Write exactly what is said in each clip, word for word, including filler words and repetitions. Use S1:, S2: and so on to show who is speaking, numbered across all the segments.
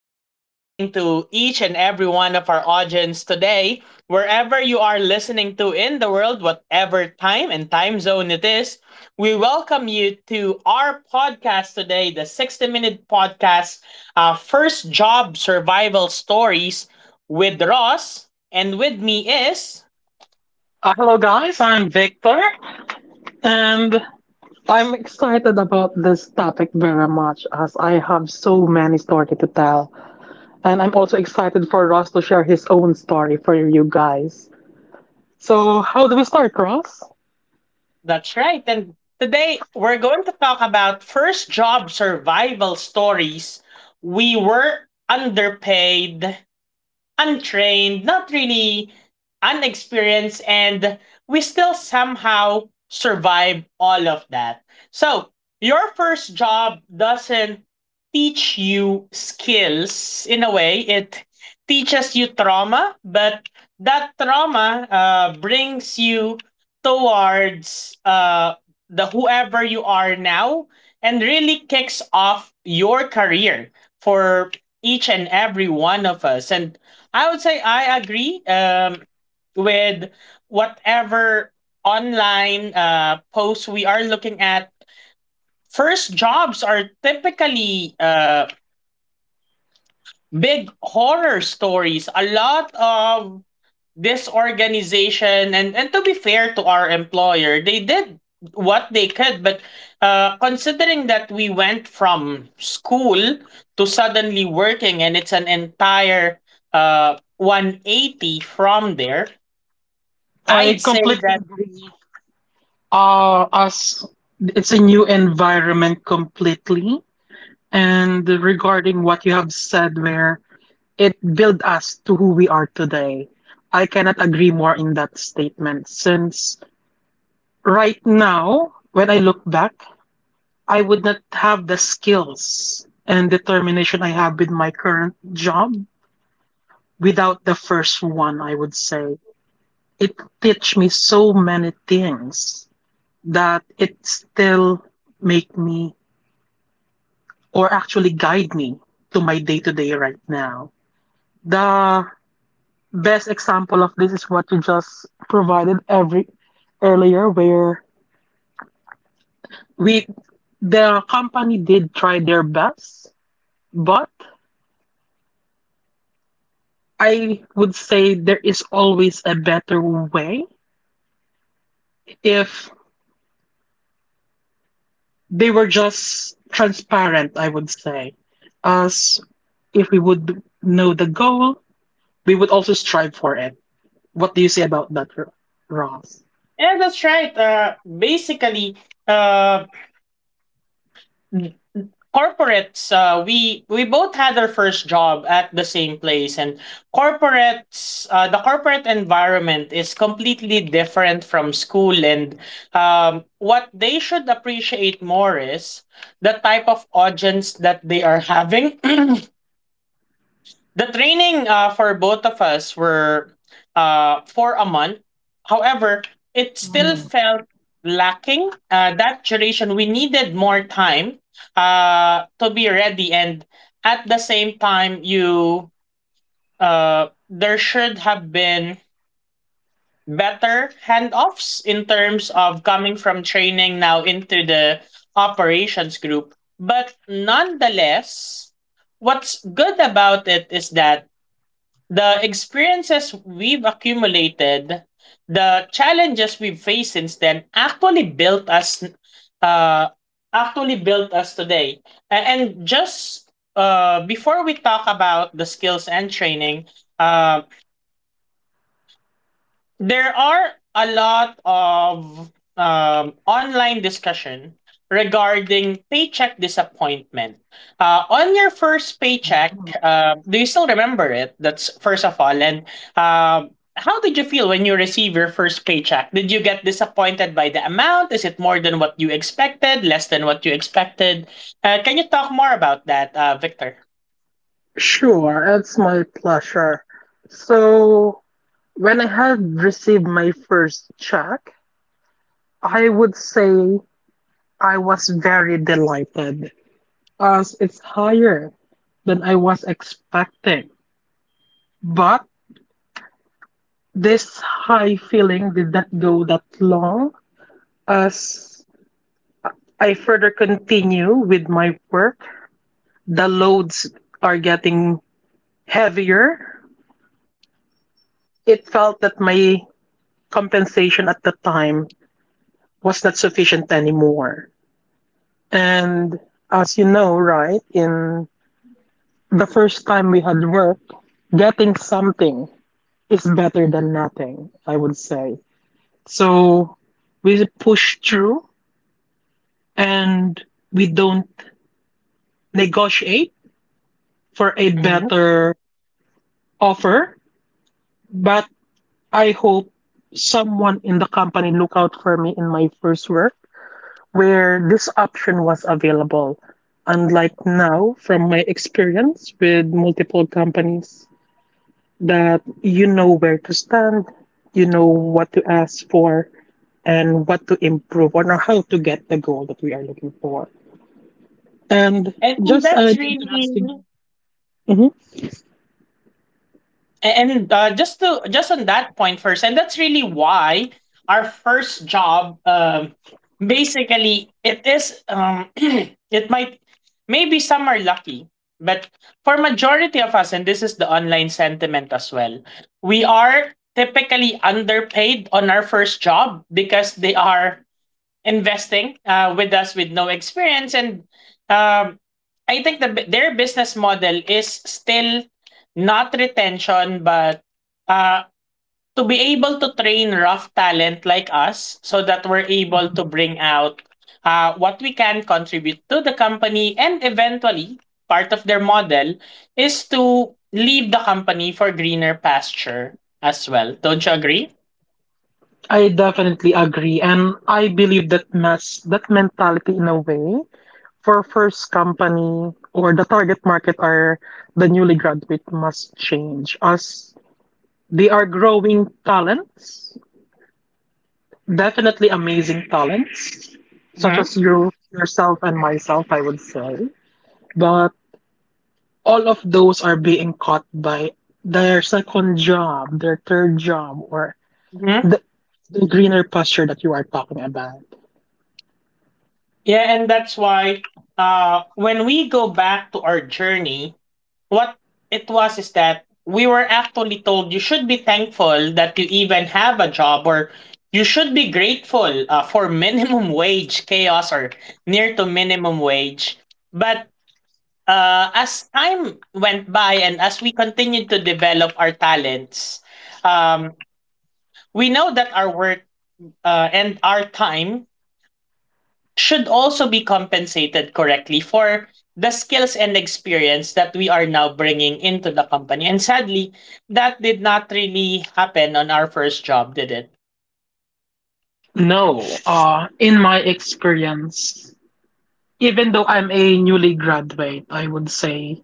S1: good morning to each and every one of our audience today, wherever you are listening to in the world, whatever time and time zone it is. We welcome you to our podcast today, the sixty Minute Podcast, uh, First Job Survival Stories with Ross. And with me is
S2: Uh, hello, guys. I'm Victor, and I'm excited about this topic very much as I have so many stories to tell. And I'm also excited for Ross to share his own story for you guys. So, how do we start, Ross?
S1: that's right. And today we're going to talk about first job survival stories. We were underpaid, untrained, not really unexperienced, and we still somehow survive all of that. So, your first job doesn't teach you skills in a way, it teaches you trauma, but that trauma uh, brings you towards uh, the whoever you are now and really kicks off your career for each and every one of us. And I would say I agree um, with whatever online uh, posts we are looking at. First jobs are typically uh, big horror stories. A lot of disorganization, and, and to be fair to our employer, they did what they could. But uh, considering that we went from school to suddenly working, and it's an entire uh, one eighty from there,
S2: I
S1: I'd say
S2: completely
S1: that
S2: agree. Uh, as it's a new environment completely, and regarding what you have said, where it built us to who we are today. I cannot agree more in that statement since right now, when I look back, I would not have the skills and determination I have with my current job without the first one, I would say. It teach me so many things that it still make me or actually guide me to my day to day right now. The best example of this is what you just provided every earlier where we the company did try their best. But I would say there is always a better way if they were just transparent, I would say. As if we would know the goal, we would also strive for it. What do you say about that, Ro- Ross?
S1: yeah, that's right. Uh, basically, uh, corporates. Uh, we we both had our first job at the same place, and corporates. Uh, the corporate environment is completely different from school, and um, what they should appreciate more is the type of audience that they are having. The training uh, for both of us were uh, for a month. However, it still
S2: Mm.
S1: felt lacking uh, that duration. We needed more time uh, to be ready, and at the same time, you uh, there should have been better handoffs in terms of coming from training now into the operations group. But nonetheless, what's good about it is that the experiences we've accumulated, the challenges we've faced since then actually built us uh actually built us today. A- And just uh before we talk about the skills and training, um there are a lot of um, online discussion regarding paycheck disappointment. Uh, on your first paycheck,
S2: Mm.
S1: uh, do you still remember it? That's first of all. And um how did you feel when you receive your first paycheck? Did you get disappointed by the amount? Is it more than what you expected? Less than what you expected? Uh, can you talk more about that, uh, Victor?
S2: Sure, it's my pleasure. So, when I had received my first check, I would say I was very delighted, as it's higher than I was expecting. But this high feeling did not go that long as I further continue with my work. The loads are getting heavier. It felt that my compensation at the time was not sufficient anymore. And as you know, right, in the first time we had work, getting something is better than nothing, I would say. So we push through and we don't negotiate for a
S1: Mhm.
S2: better offer. But I hope someone in the company look out for me in my first work where this option was available. Unlike now, from my experience with multiple companies, that you know where to stand, you know what to ask for, and what to improve on, or how to get the goal that we are looking for. And
S1: And, and
S2: just
S1: that's
S2: an
S1: really,
S2: interesting. Mhm.
S1: A- and uh, just to just on that point first, and that's really why our first job um basically it is um it might maybe some are lucky, but for majority of us, and this is the online sentiment as well, we are typically underpaid on our first job because they are investing uh, with us with no experience, and um, I think the, bu- their business model is still not retention but uh, to be able to train rough talent like us so that we're able
S2: Mhm.
S1: to bring out uh, what we can contribute to the company, and eventually part of their model is to leave the company for greener pasture as well, don't you agree?
S2: I definitely agree, and I believe that mass that mentality in a way for first company or the target market are the newly graduate must change as they are growing talents, definitely amazing talents, such as you yourself and myself, I would say. But all of those are being caught by their second job, their third job, or
S1: Hmm.
S2: The, the greener pasture that you are talking about.
S1: Yeah, and that's why uh when we go back to our journey, what it was is that we were actually told you should be thankful that you even have a job, or you should be grateful uh, for minimum wage chaos or near to minimum wage. But uh, as time went by and as we continued to develop our talents, um, we know that our work uh, and our time should also be compensated correctly for the skills and experience that we are now bringing into the company. And sadly, that did not really happen on our first job, did it?
S2: No, uh, in my experience, even though I'm a newly graduate, I would say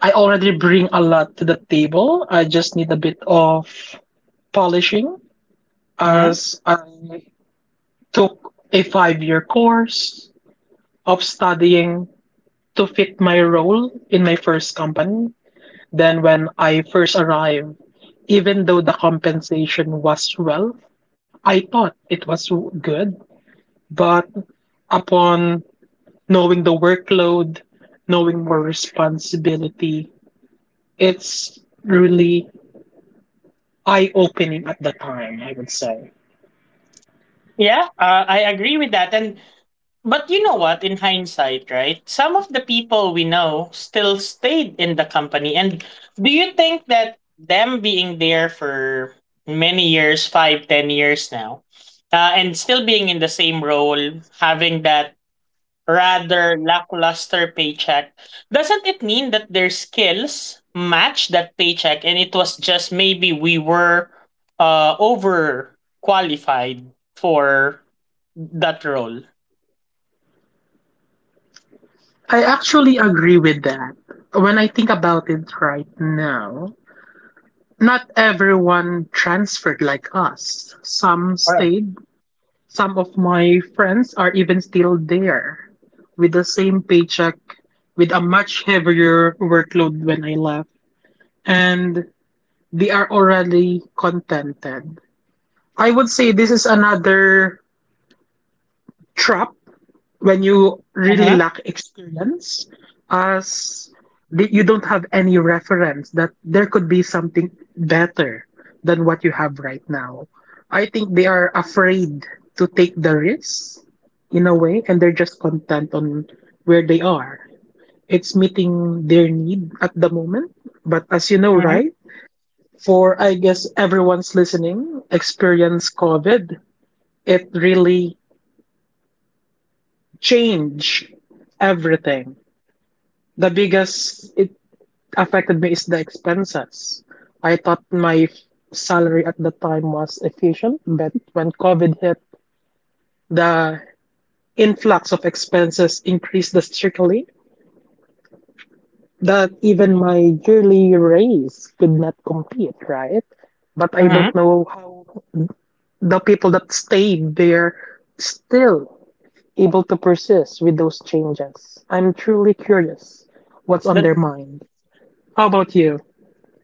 S2: I already bring a lot to the table. I just need a bit of polishing
S1: Hmm.
S2: as I took a five year course of studying to fit my role in my first company. Than when I first arrived. Even though the compensation was well, I thought it was good, but upon knowing the workload, knowing more responsibility, it's really eye opening at the time, I would say.
S1: Yeah, uh, I agree with that. And but you know what, in hindsight, right? Some of the people we know still stayed in the company. And do you think that them being there for many years, five, ten years now, uh, and still being in the same role, having that rather lackluster paycheck, doesn't it mean that their skills match that paycheck and it was just maybe we were uh, over qualified for that role?
S2: I actually agree with that. When I think about it right now, not everyone transferred like us. Some
S1: Correct.
S2: stayed. Some of my friends are even still there with the same paycheck, with a much heavier workload when I left, and they are already contented. I would say this is another trap when you really lack experience, as th- you don't have any reference that there could be something better than what you have right now. I think they are afraid to take the risk in a way, and they're just content on where they are. It's meeting their need at the moment, but as you know,
S1: Mhm,
S2: right, for I guess everyone's listening experience, COVID, it really changed everything. The biggest it affected me is the expenses. I thought my f- salary at the time was efficient, but when COVID hit, the influx of expenses increased drastically that even my yearly raise could not compete, right? But I
S1: mhm.
S2: don't know how the people that stayed there still able to persist with those changes. I'm truly curious what's on
S1: That
S2: their mind. How about you?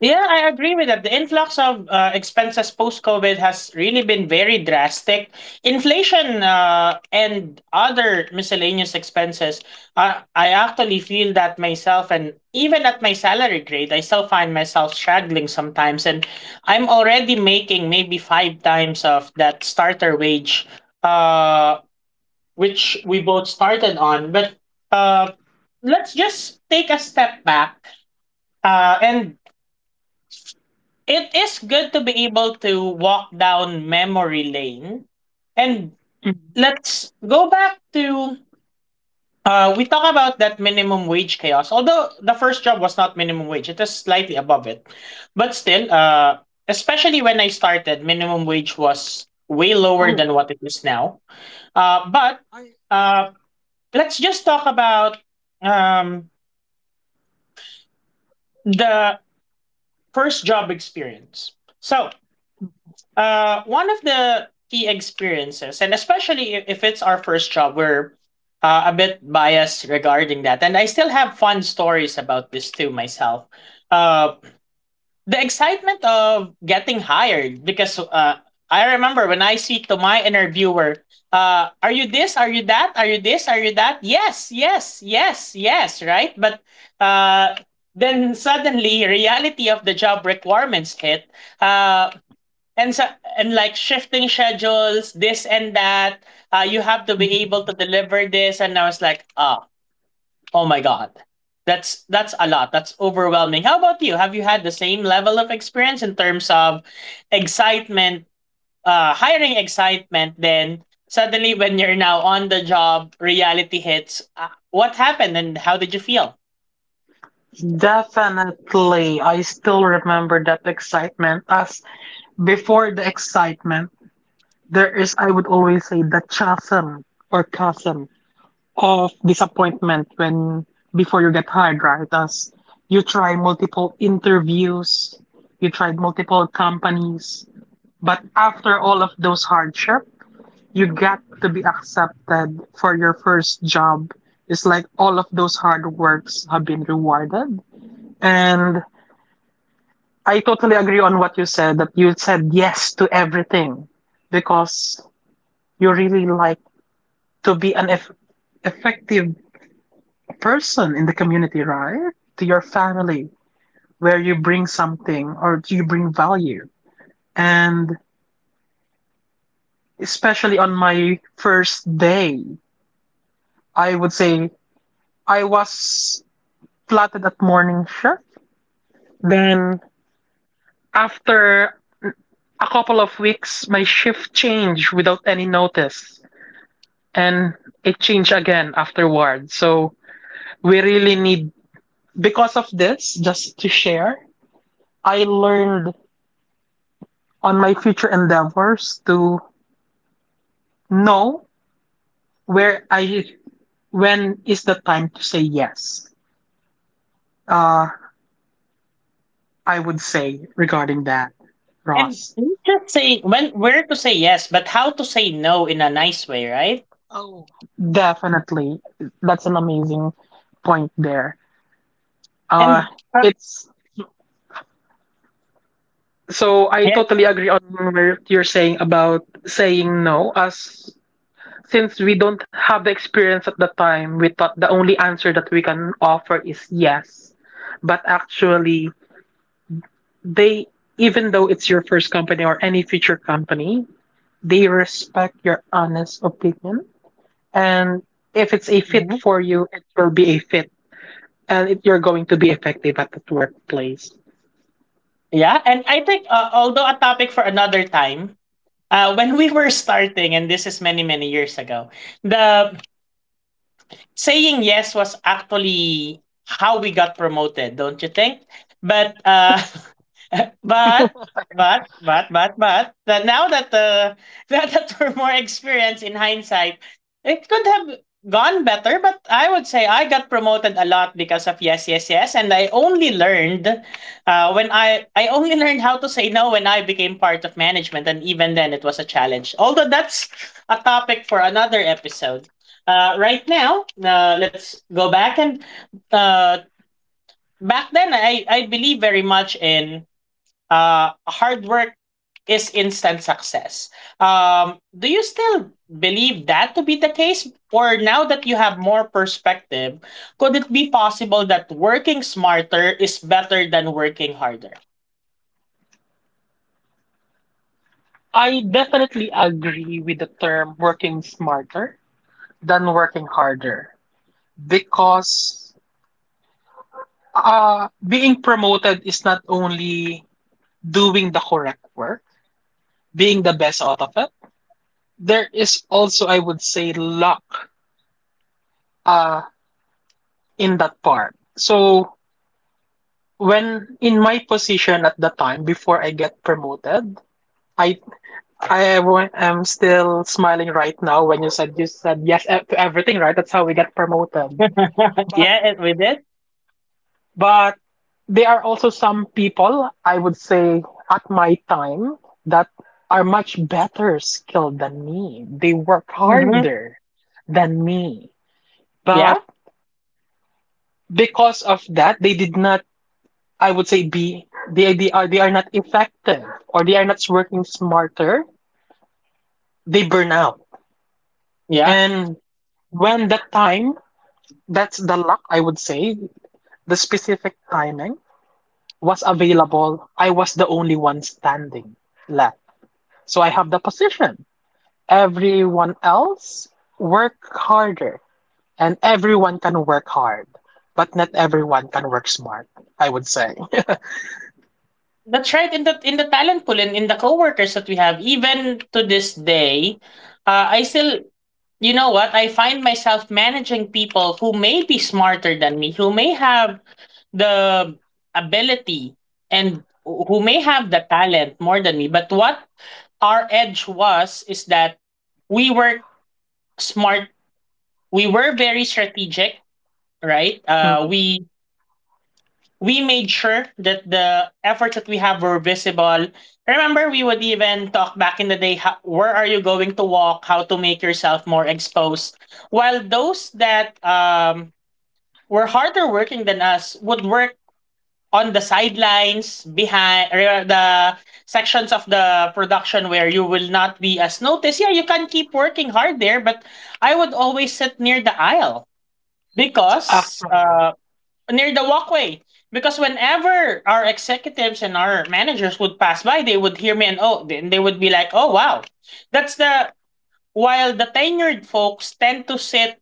S1: yeah, I agree with that. The influx of uh, expenses post COVID has really been very drastic. Inflation uh, and other miscellaneous expenses. Uh, I actually feel that myself, and even at my salary grade, I still find myself struggling sometimes. And I'm already making maybe five times of that starter wage, uh, which we both started on. But uh, let's just take a step back uh, and it is good to be able to walk down memory lane. And
S2: Mhm.
S1: let's go back to uh, we talk about that minimum wage chaos. Although the first job was not minimum wage, it is slightly above it. But still, uh, especially when I started, minimum wage was way lower
S2: Oh.
S1: than what it is now. Uh, but uh, let's just talk about um, the first job experience. So, Uh, one of the key experiences, and especially i- if it's our first job, we're uh, a bit biased regarding that. And I still have fun stories about this too myself. Uh, the excitement of getting hired, because uh, I remember when I speak to my interviewer, uh, are you this? Are you that? Are you this? Are you that? Yes, yes, yes, yes, right? But uh, then suddenly, reality of the job requirements hit. Uh, and so and like shifting schedules, this and that. Uh, you have to be able to
S2: Mhm.
S1: deliver this, and I was like, oh, oh my god, that's that's a lot. That's overwhelming. How about you? Have you had the same level of experience in terms of excitement, uh, hiring excitement? Then suddenly, when you're now on the job, reality hits. Uh, what happened, and how did you feel?
S2: Definitely. I still remember that excitement. As before the excitement, there is, I would always say, the chasm or chasm of disappointment when before you get hired, right? As you try multiple interviews, you try multiple companies, but after all of those hardship, you get to be accepted for your first job. It's like all of those hard works have been rewarded. And I totally agree on what you said that you said yes to everything because you really like to be an eff- effective person in the community, right? To your family, where you bring something or you bring value. And especially on my first day, I would say I was flatted at morning shift. Then after a couple of weeks, my shift changed without any notice, and it changed again afterward. So we really need, because of this, just to share, I learned on my future endeavors to know where I, when is the time to say yes. Uh, I would say regarding that,
S1: And
S2: Ross.
S1: not just say when where to say yes, but how to say no in a nice way, right?
S2: Oh, definitely. That's an amazing point there. Uh,
S1: And uh,
S2: it's So I
S1: yeah,
S2: totally agree on what you're saying about saying no. As since we don't have the experience at the time, we thought the only answer that we can offer is yes. But actually, they, even though it's your first company or any future company, they respect your honest opinion. And if it's a fit
S1: mm-hmm.
S2: for you, it will be a fit, and it, you're going to be effective at the workplace.
S1: Yeah, and I think uh, although a topic for another time, uh, when we were starting, and this is many many years ago, the saying yes was actually how we got promoted, don't you think? But uh, But but but but but that now that uh, now that we're more experienced in hindsight, it could have gone better. But I would say I got promoted a lot because of yes, yes, yes, and I only learned uh, when I I only learned how to say no when I became part of management, and even then it was a challenge. Although that's a topic for another episode. Uh, right now, uh, let's go back and uh, back then I I believe very much in uh, hard work is instant success. Um, do you still believe that to be the case? Or now that you have more perspective, could it be possible that working smarter is better than working harder?
S2: I definitely agree with the term working smarter than working harder, because Uh, being promoted is not only doing the correct work, being the best out of it. There is also, I would say, luck uh, in that part. So when in my position at the time before I get promoted, I I wa- am still smiling right now when you said you said yes e- to everything, right? That's how we get promoted.
S1: Yeah, it, we did.
S2: But there are also some people, I would say, at my time that are much better skilled than me. They work
S1: Hmm.
S2: harder than me.
S1: Yeah,
S2: But because of that, they did not, I would say, be, they, they are, they are not effective, or they are not working smarter. They burn out.
S1: yeah.
S2: And when that time, that's the luck, I would say, the specific timing was available, I was the only one standing left. So I have the position. Everyone else work harder, and everyone can work hard, but not everyone can work smart, I would say.
S1: That's right. In the in the talent pool and in the coworkers that we have, even to this day, uh, I still, you know what? I find myself managing people who may be smarter than me, who may have the ability and who may have the talent more than me. But what our edge was is that we were smart. We were very strategic, right?
S2: Mm.
S1: Uh, we we made sure that the efforts that we have were visible. Remember, we would even talk back in the day how, where are you going to walk, how to make yourself more exposed. While those that um, were harder working than us would work on the sidelines, behind re- the sections of the production where you will not be as noticed. Yeah, you can keep working hard there, but I would always sit near the aisle because
S2: Actually,
S1: uh, near the walkway. Because whenever our executives and our managers would pass by, they would hear me and oh, then they would be like, oh wow. That's the while the tenured folks tend to sit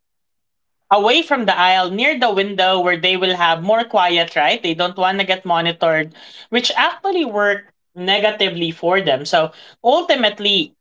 S1: away from the aisle near the window where they will have more quiet, right? They don't want to get monitored, which actually worked negatively for them. So ultimately,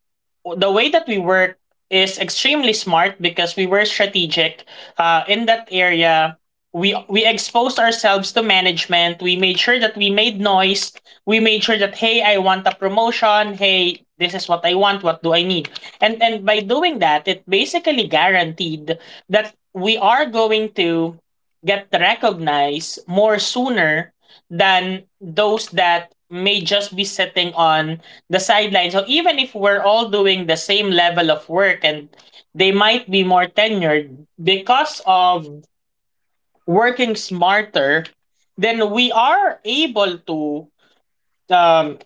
S1: the way that we work is extremely smart because we were strategic uh, in that area. We, we exposed ourselves to management. We made sure that we made noise. We made sure that hey, I want a promotion. Hey, this is what I want. What do I need? And and by doing that, it basically guaranteed that we are going to get recognized more sooner than those that may just be sitting on the sidelines. So even if we're all doing the same level of work and they might be more tenured because of working smarter, then we are able to um,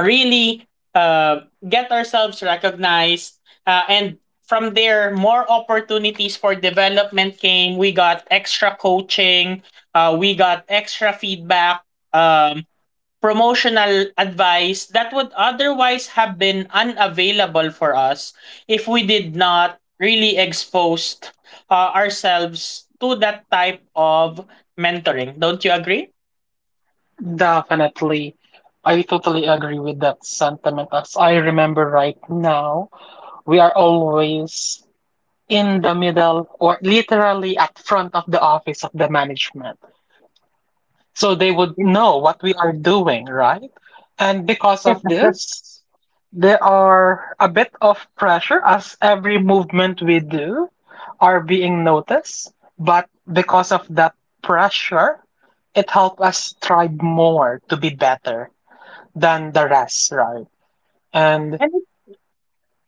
S1: really uh, get ourselves recognized. Uh, and from there, more opportunities for development came. We got extra coaching, uh, we got extra feedback, um, promotional advice that would otherwise have been unavailable for us if we did not really exposed uh, ourselves to that type of mentoring. Don't you agree?
S2: definitely. I totally agree with that sentiment. As I remember right now, we are always in the middle or literally at front of the office of the management. So they would
S1: Yeah.
S2: know what we are doing, right? And because of this, there are a bit of pressure as every movement we do are being noticed. But because of that pressure, it helped us strive more to be better than the rest, right? And
S1: And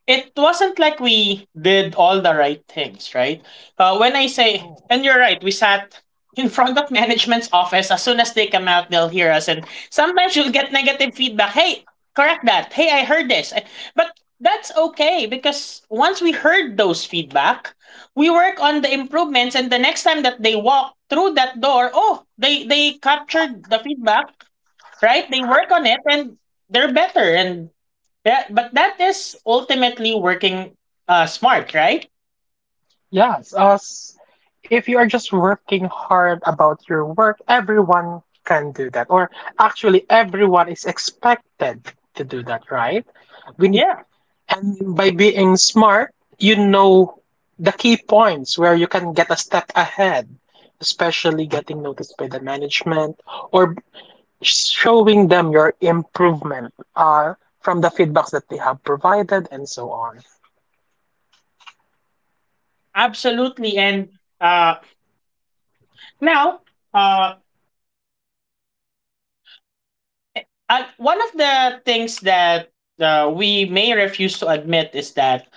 S1: it wasn't like we did all the right things, right? Uh, when I say, and you're right, we sat in front of management's office. As soon as they come out, they'll hear us. And sometimes you'll get negative feedback. Hey, correct that. Hey, I heard this. I- But that's okay because once we heard those feedback, we work on the improvements. And the next time that they walk through that door, oh, they, they captured the feedback, right? They work on it and they're better. And that, but that is ultimately working uh, smart, right?
S2: yes, as if you are just working hard about your work, everyone can do that. Or actually, everyone is expected to do that, right? We need,
S1: Yeah,
S2: and by being smart, you know the key points where you can get a step ahead, especially getting noticed by the management or showing them your improvement uh, from the feedbacks that they have provided and so on.
S1: absolutely. And uh, now, uh, uh, one of the things that uh, we may refuse to admit is that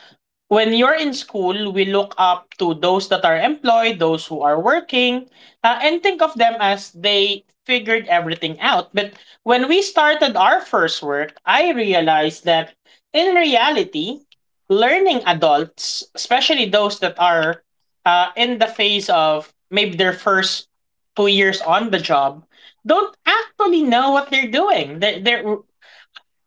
S1: when you're in school, we look up to those that are employed, those who are working, uh, and think of them as they figured everything out. But when we started our first work, I realized that in reality, learning adults, especially those that are uh, in the phase of maybe their first two years on the job, don't actually know what they're doing. They're, they're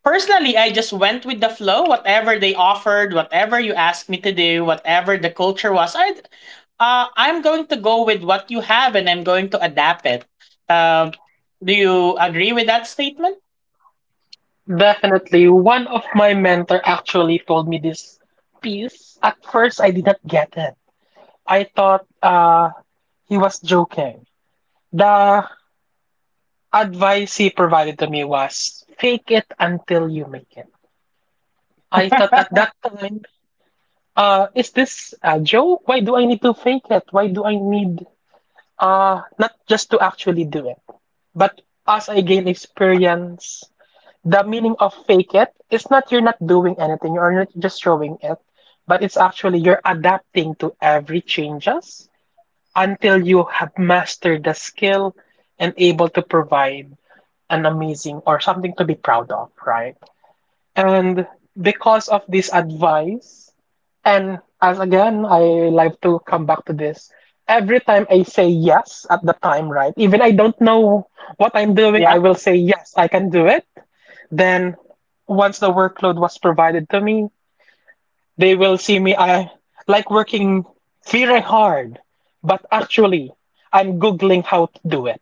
S1: personally, I just went with the flow, whatever they offered, whatever you asked me to do, whatever the culture was. I uh, I'm going to go with what you have and I'm going to adapt it. Um, do you agree with that statement?
S2: Definitely. One of my mentor actually told me this piece. At first, I did not get it. I thought uh, he was joking. The advice he provided to me was fake it until you make it. I thought at that time, uh, is this a joke? Why do I need to fake it? Why do I need uh, not just to actually do it? But as I gain experience, the meaning of fake it is not you're not doing anything, you're not just showing it, but it's actually you're adapting to every changes until you have mastered the skill and able to provide an amazing or something to be proud of, right? And because of this advice, and as again, I like to come back to this, every time I say yes at the time, right, even I don't know what I'm doing,
S1: Yeah,
S2: I will say yes I can do it. Then, once the workload was provided to me, they will see me I like working very hard, but actually, I'm googling how to do it.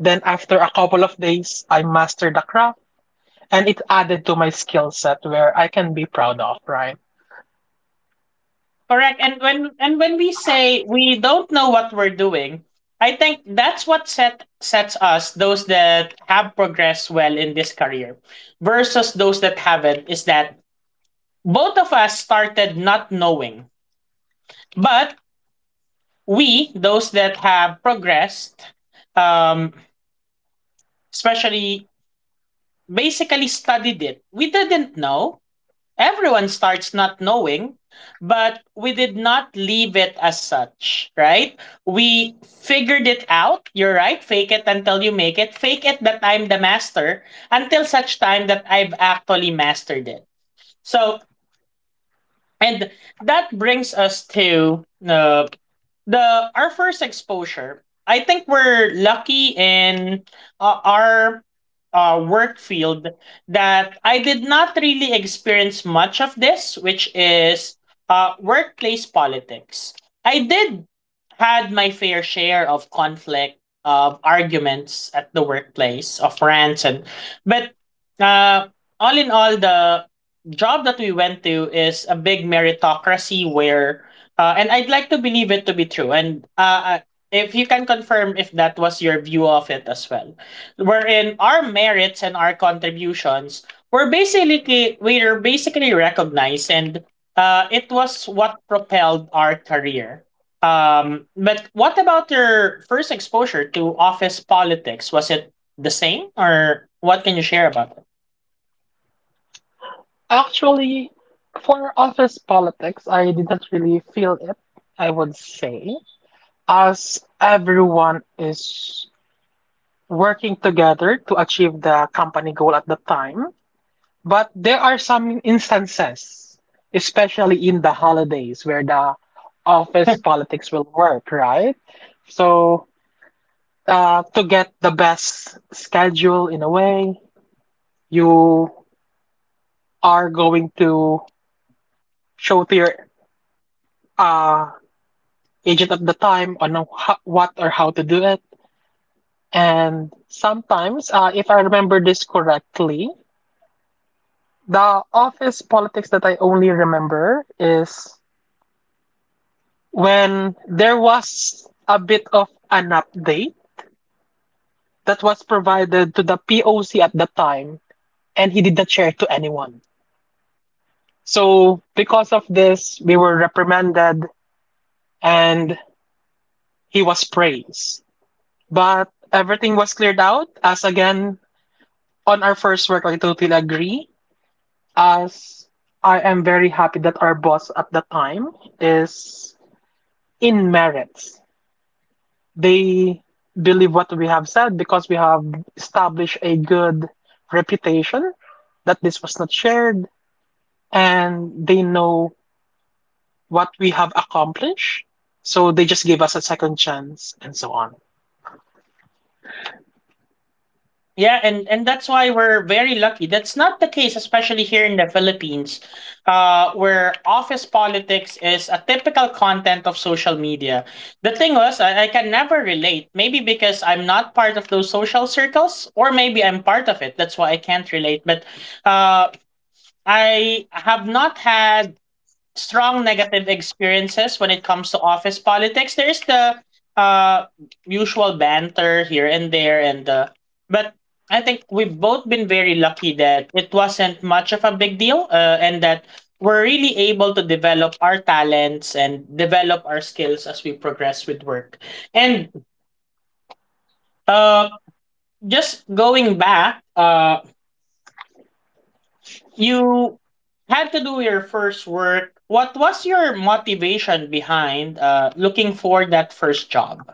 S2: Then after a couple of days, I mastered the craft, and it added to my skill set where I can be proud of, right?
S1: correct. And when and when we say we don't know what we're doing, I think that's what set sets us those that have progressed well in this career versus those that haven't is that both of us started not knowing. But we those that have progressed, um especially, basically studied it. We didn't know, everyone starts not knowing, but we did not leave it as such, right? We figured it out. You're right, fake it until you make it. Fake it that I'm the master until such time that I've actually mastered it. So and that brings us to uh, the our first exposure. I think we're lucky in uh, our uh, work field that I did not really experience much of this, which is uh, workplace politics. I did had my fair share of conflict, of arguments at the workplace, of rants and but uh, all in all the job that we went to is a big meritocracy where Uh, and I'd like to believe it to be true. And uh, uh, if you can confirm if that was your view of it as well, wherein our merits and our contributions were basically were basically recognized, and uh, it was what propelled our career. Um, but what about your first exposure to office politics? Was it the same, or what can you share about it?
S2: Actually, for office politics, I didn't really feel it, I would say, as everyone is working together to achieve the company goal at the time. But there are some instances, especially in the holidays, where the office politics will work, right? So, uh, to get the best schedule in a way, you are going to show to your uh, agent at the time on how, what or how to do it. And sometimes, uh, if I remember this correctly, the office politics that I only remember is when there was a bit of an update that was provided to the P O C at the time, and he did not share it to anyone. So, because of this, we were reprimanded and he was praised. But everything was cleared out, as again, on our first work, I totally agree. As I am very happy that our boss at the time is in merits, they believe what we have said because we have established a good reputation, that this was not shared and they know what we have accomplished, so they just give us a second chance and so on.
S1: Yeah, and and that's why we're very lucky. That's not the case, especially here in the Philippines, uh, where office politics is a typical content of social media. The thing was, I, I can never relate. Maybe because I'm not part of those social circles, or maybe I'm part of it. That's why I can't relate. But uh, I have not had strong negative experiences when it comes to office politics. There's the uh usual banter here and there and uh but I think we've both been very lucky that it wasn't much of a big deal uh, and that we're really able to develop our talents and develop our skills as we progress with work. And uh just going back, uh you had to do your first work. What was your motivation behind uh, looking for that first job?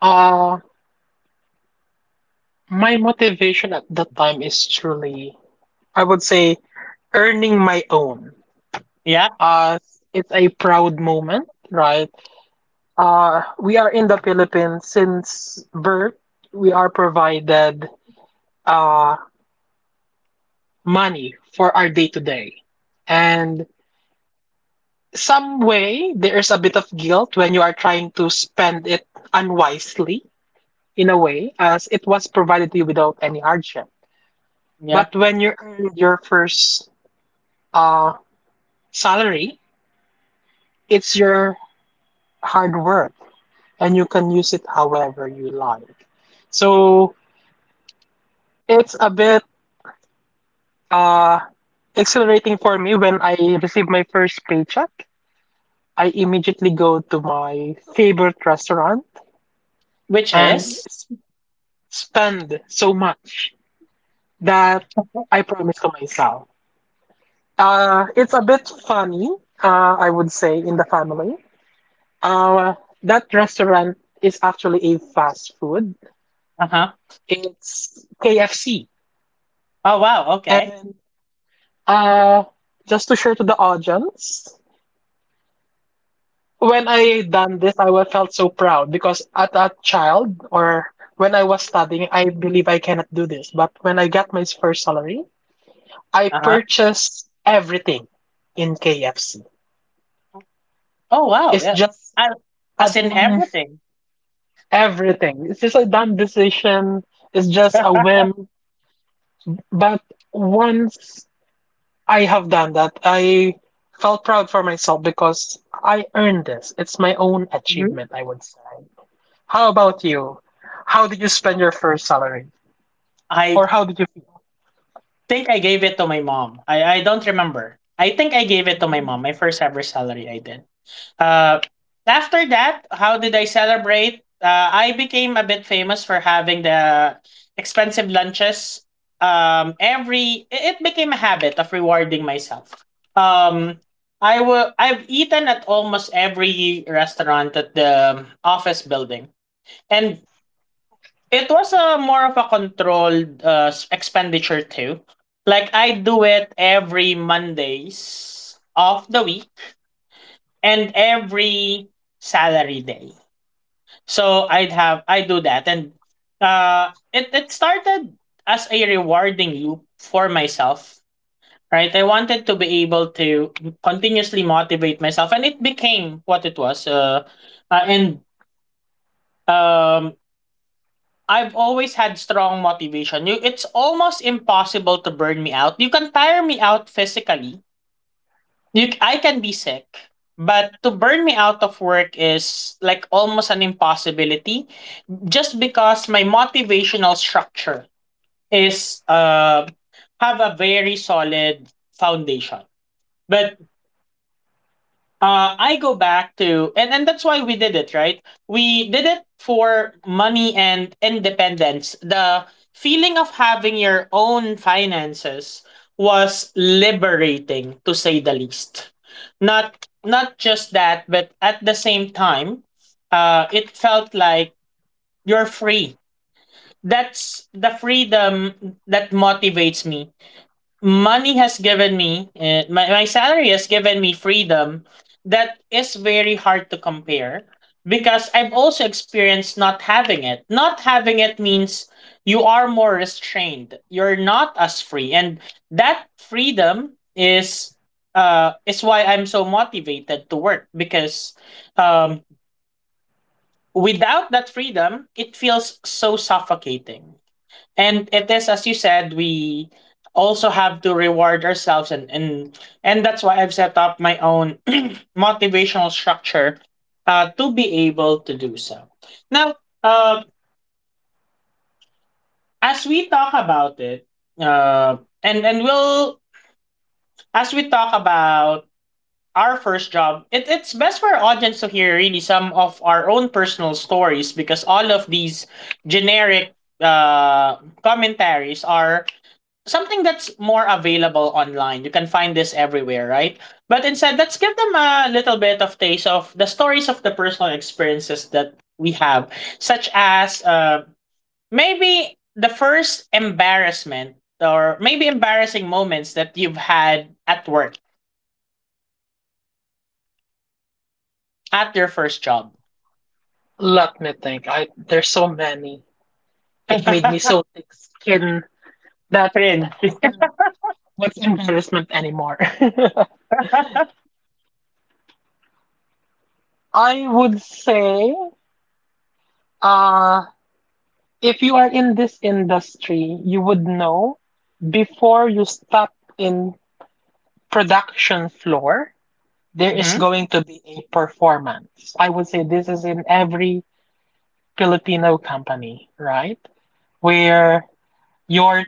S2: uh my motivation at that time is truly, I would say, earning my own.
S1: Yeah,
S2: uh it's a proud moment, right? Uh we are in the Philippines since birth. We are provided uh, money for our day to day. And some way there's a bit of guilt when you are trying to spend it unwisely, in a way, as it was provided to you without any hardship.
S1: yeah.
S2: But when you earn your first uh, salary, it's your hard work and you can use it however you like. So it's a bit uh, exhilarating for me. When I received my first paycheck, I immediately go to my favorite restaurant
S1: Which
S2: and
S1: is?
S2: s- spend so much that I promise to myself. Uh, it's a bit funny, uh, I would say, in the family. Uh, that restaurant is actually a fast food.
S1: Uh huh.
S2: It's K F C.
S1: Oh wow. Okay.
S2: And uh, just to share to the audience, when I done this, I wa- felt so proud because at a child, or when I was studying, I believe I cannot do this. But when I got my first salary, I
S1: Uh huh.
S2: purchased everything in K F C.
S1: Oh wow.
S2: It's
S1: Yeah.
S2: just
S1: I,
S2: a
S1: as in
S2: dumb
S1: everything.
S2: everything. It's just a dumb decision. It's just a whim. But once I have done that, I felt proud for myself because I earned this. It's my own
S1: Hmm.
S2: achievement, I would say. How about you? How did you spend your first salary?
S1: I
S2: Or how did you feel?
S1: think I gave it to my mom. I, I don't remember. I think I gave it to my
S2: Mhm.
S1: mom. My first ever salary I did. Uh, After that, how did I celebrate? Uh, I became a bit famous for having the expensive lunches. Um, every it it became a habit of rewarding myself. Um, I will. I've eaten at almost every restaurant at the office building, and it was a more of a controlled uh, s- expenditure too. Like I do it every Mondays of the week and every salary day. So I'd have I do that and uh it, it started as a rewarding loop for myself. Right? I wanted to be able to continuously motivate myself and it became what it was. Uh, uh and um I've always had strong motivation. You, it's almost impossible to burn me out. You can tire me out physically. You, I can be sick, but to burn me out of work is like almost an impossibility. Just because my motivational structure is uh have a very solid foundation. But uh, I go back to and and that's why we did it, right? We did it for money and independence. The feeling of having your own finances was liberating, to say the least. Not not just that, but at the same time, uh, it felt like you're free. That's the freedom that motivates me. Money has given me, uh, my, my salary has given me freedom that is very hard to compare, because I've also experienced not having it. Not having it means you are more restrained, you're not as free. And that freedom is uh is why I'm so motivated to work. Because um without that freedom, it feels so suffocating. And it is, as you said, we also have to reward ourselves. And and and that's why I've set up my own motivational structure, uh, to be able to do so. Now, uh, as we talk about it, uh, and and we'll as we talk about our first job, it, it's best for our audience to hear really some of our own personal stories, because all of these generic uh, commentaries are something that's more available online. You can find this everywhere, right? But instead, let's give them a little bit of taste of the stories of the personal experiences that we have, such as uh, maybe the first embarrassment or maybe embarrassing moments that you've had at work, at your first job.
S2: Let me think. I There's so many. It made me so thick skin that,
S1: Friends.
S2: and what's embarrassment anymore? I would say, uh, if you are in this industry, you would know, before you step in production floor, there is
S1: Mm-hmm.
S2: going to be a performance. I would say this is in every Filipino company, right? Where your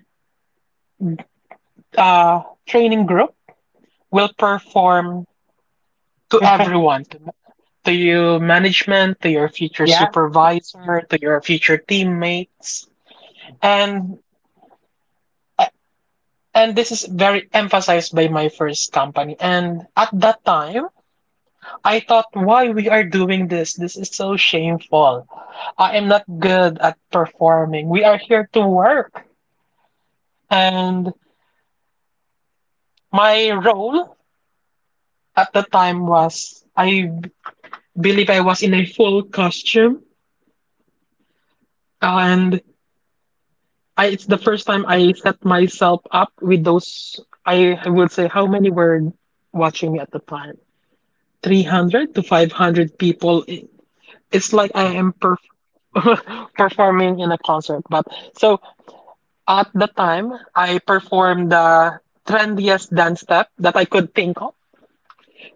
S2: uh, training group will perform to everyone, to, to you management, to your future
S1: Yeah.
S2: supervisor, to your future teammates, and and this is very emphasized by my first company. And at that time, I thought, why we are doing this? This is so shameful. I am not good at performing. We are here to work. And my role at the time was, I believe, I was in a full costume. And I, it's the first time I set myself up with those. I would say, how many were watching me at the time? three hundred to five hundred people. It- It's like I am perf- performing in a concert. But so, at the time, I performed the trendiest dance step that I could think of.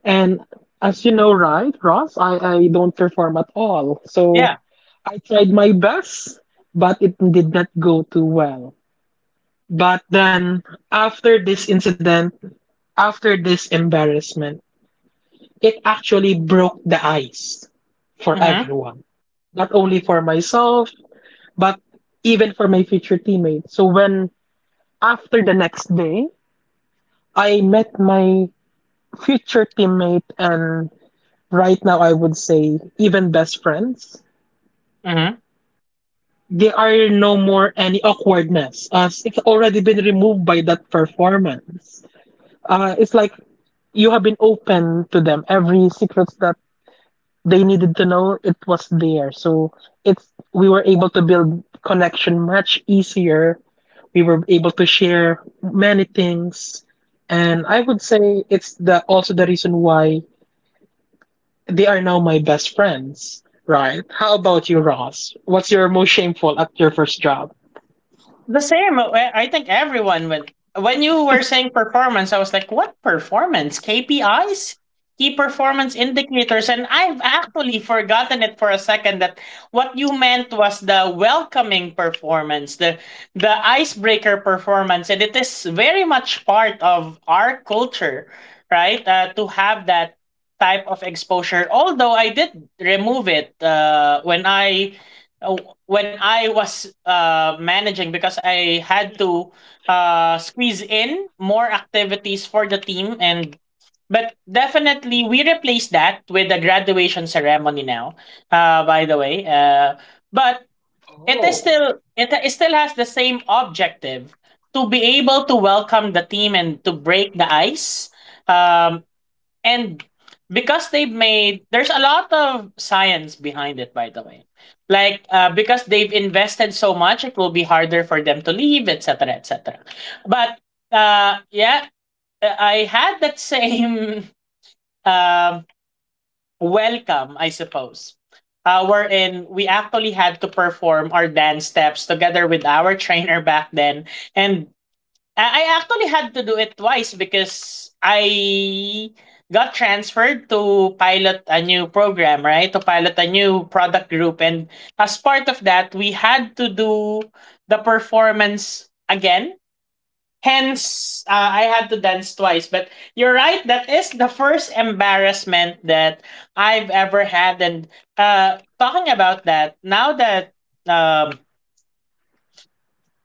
S2: And as you know, right, Ross, I, I don't perform at all. So
S1: Yeah.
S2: I tried my best, but it did not go too well. But then, after this incident, after this embarrassment, it actually broke the ice for
S1: Mm-hmm.
S2: everyone. Not only for myself, but even for my future teammates. So when, after the next day, I met my future teammate, and right now, I would say, even best friends.
S1: Mm-hmm.
S2: There are no more any awkwardness, as it's already been removed by that performance. Uh, it's like you have been open to them. Every secrets that they needed to know, it was there. So it's we were able to build connection much easier. We were able to share many things, and I would say it's the also the reason why they are now my best friends, right? How about you, Ross? What's your most shameful at your first job?
S1: The same. uh, I I think everyone would. When you were saying performance, I was like, what performance? K P Is? Key performance indicators. And I've actually forgotten it for a second that what you meant was the welcoming performance, the the icebreaker performance. And it is very much part of our culture, right? Uh, to have that type of exposure. Although I did remove it uh, when I uh, when I was uh, managing because I had to uh, squeeze in more activities for the team and but definitely we replace that with the graduation ceremony now, uh, by the way, uh, but it is
S2: Oh.
S1: still it, it still has the same objective to be able to welcome the team and to break the ice, um, and because they've made there's a lot of science behind it, by the way, like uh, because they've invested so much it will be harder for them to leave, etc, etc. But uh, yeah, uh, I had that same um, welcome I suppose, uh, wherein we actually had to perform our dance steps together with our trainer back then. And Uh, I actually had to do it twice because I got transferred to pilot a new program, right? To pilot a new product group. And as part of that, we had to do the performance again. Hence, uh, I had to dance twice. But you're right, that is the first embarrassment that I've ever had. And uh, talking about that, now that, um,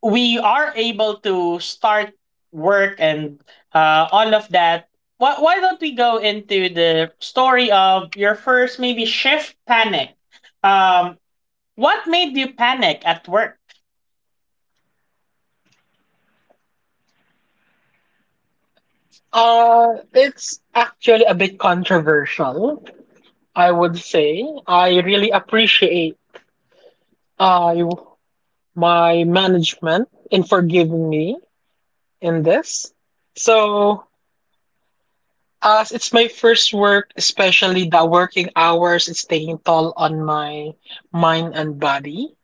S1: we are able to start work and uh, all of that, why, why don't we go into the story of your first maybe shift panic? Um, what made you panic at work?
S2: Uh, it's actually a bit controversial, I would say. I really appreciate uh, you- my management in forgiving me in this. So, as it's my first work, especially the working hours, it's taking toll on my mind and body.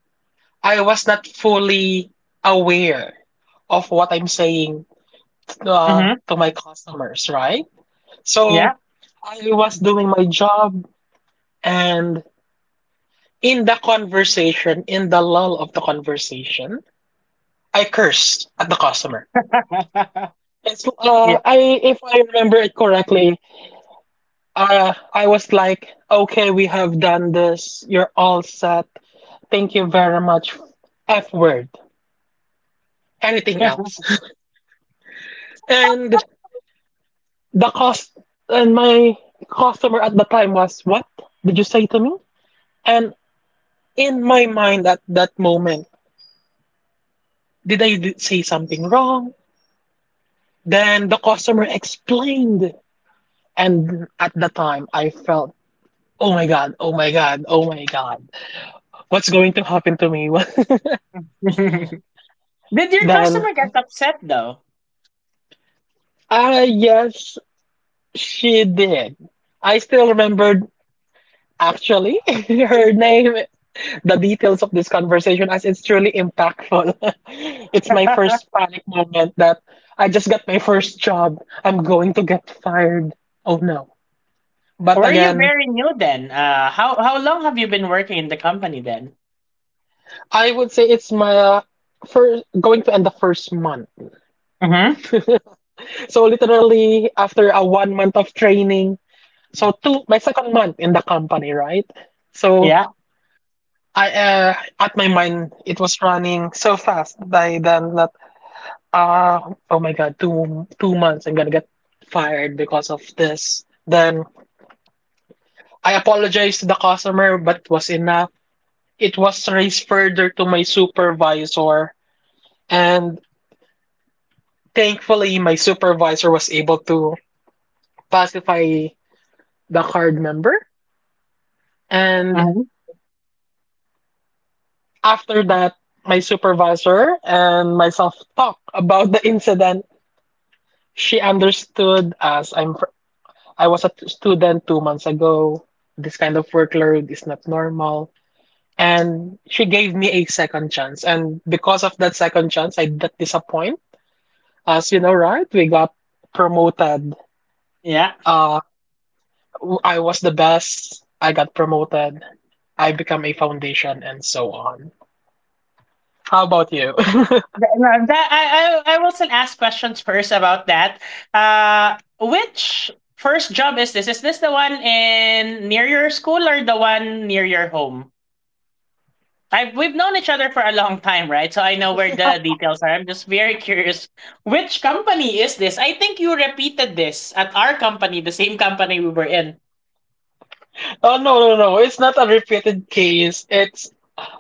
S2: I was not fully aware of what I'm saying uh,
S1: Hmm.
S2: to my customers, right?
S1: Yeah.
S2: So I was doing my job, and in the conversation, in the lull of the conversation, I cursed at the customer. It's,
S1: Yeah.
S2: uh, I, if I remember it correctly, uh, I was like, "Okay, we have done this. You're all set. Thank you very much." F word. Anything else? And the cost, and my customer at the time was, "What did you say to me?" And in my mind at that moment, did I d- say something wrong? Then the customer explained, and at the time I felt, oh my God, oh my God, oh my God, what's going to happen to me? What-
S1: Did your
S2: then...
S1: customer get upset though?
S2: ah yes, she did. I still remembered, actually, her name, the details of this conversation, as it's truly impactful. It's my first panic moment. That, I just got my first job, I'm going to get fired. Oh no. But
S1: Were you
S2: again,
S1: very new then? Uh, how how long have you been working in the company then?
S2: I would say, it's my first, going to end the first month.
S1: Mm-hmm.
S2: So literally after a one month of training, so two my second month in the company, right? So
S1: Yeah.
S2: I uh, at my mind it was running so fast by then that, ah, oh my God, two two months I'm gonna get fired because of this. Then I apologized to the customer, but it was enough. It was raised further to my supervisor, and thankfully my supervisor was able to pacify the card member. And
S1: Hmm.
S2: after that, my supervisor and myself talked about the incident. She understood, as i'm I was a t- student two months ago. This kind of workload is not normal. And she gave me a second chance. And because of that second chance, I didn't disappoint. As you know, right? We got promoted.
S1: Yeah.
S2: Uh, I was the best. I got promoted. I become a foundation and so on. How about you? Oh,
S1: No, that I, I I will still ask questions first about that. Uh, which first job is this? Is this the one in near your school or the one near your home? I we've known each other for a long time, right? So I know where the details are. I'm just very curious. Which company is this? I think you repeated this at our company, the same company we were in.
S2: no, no, no. It's not a repeated case. It's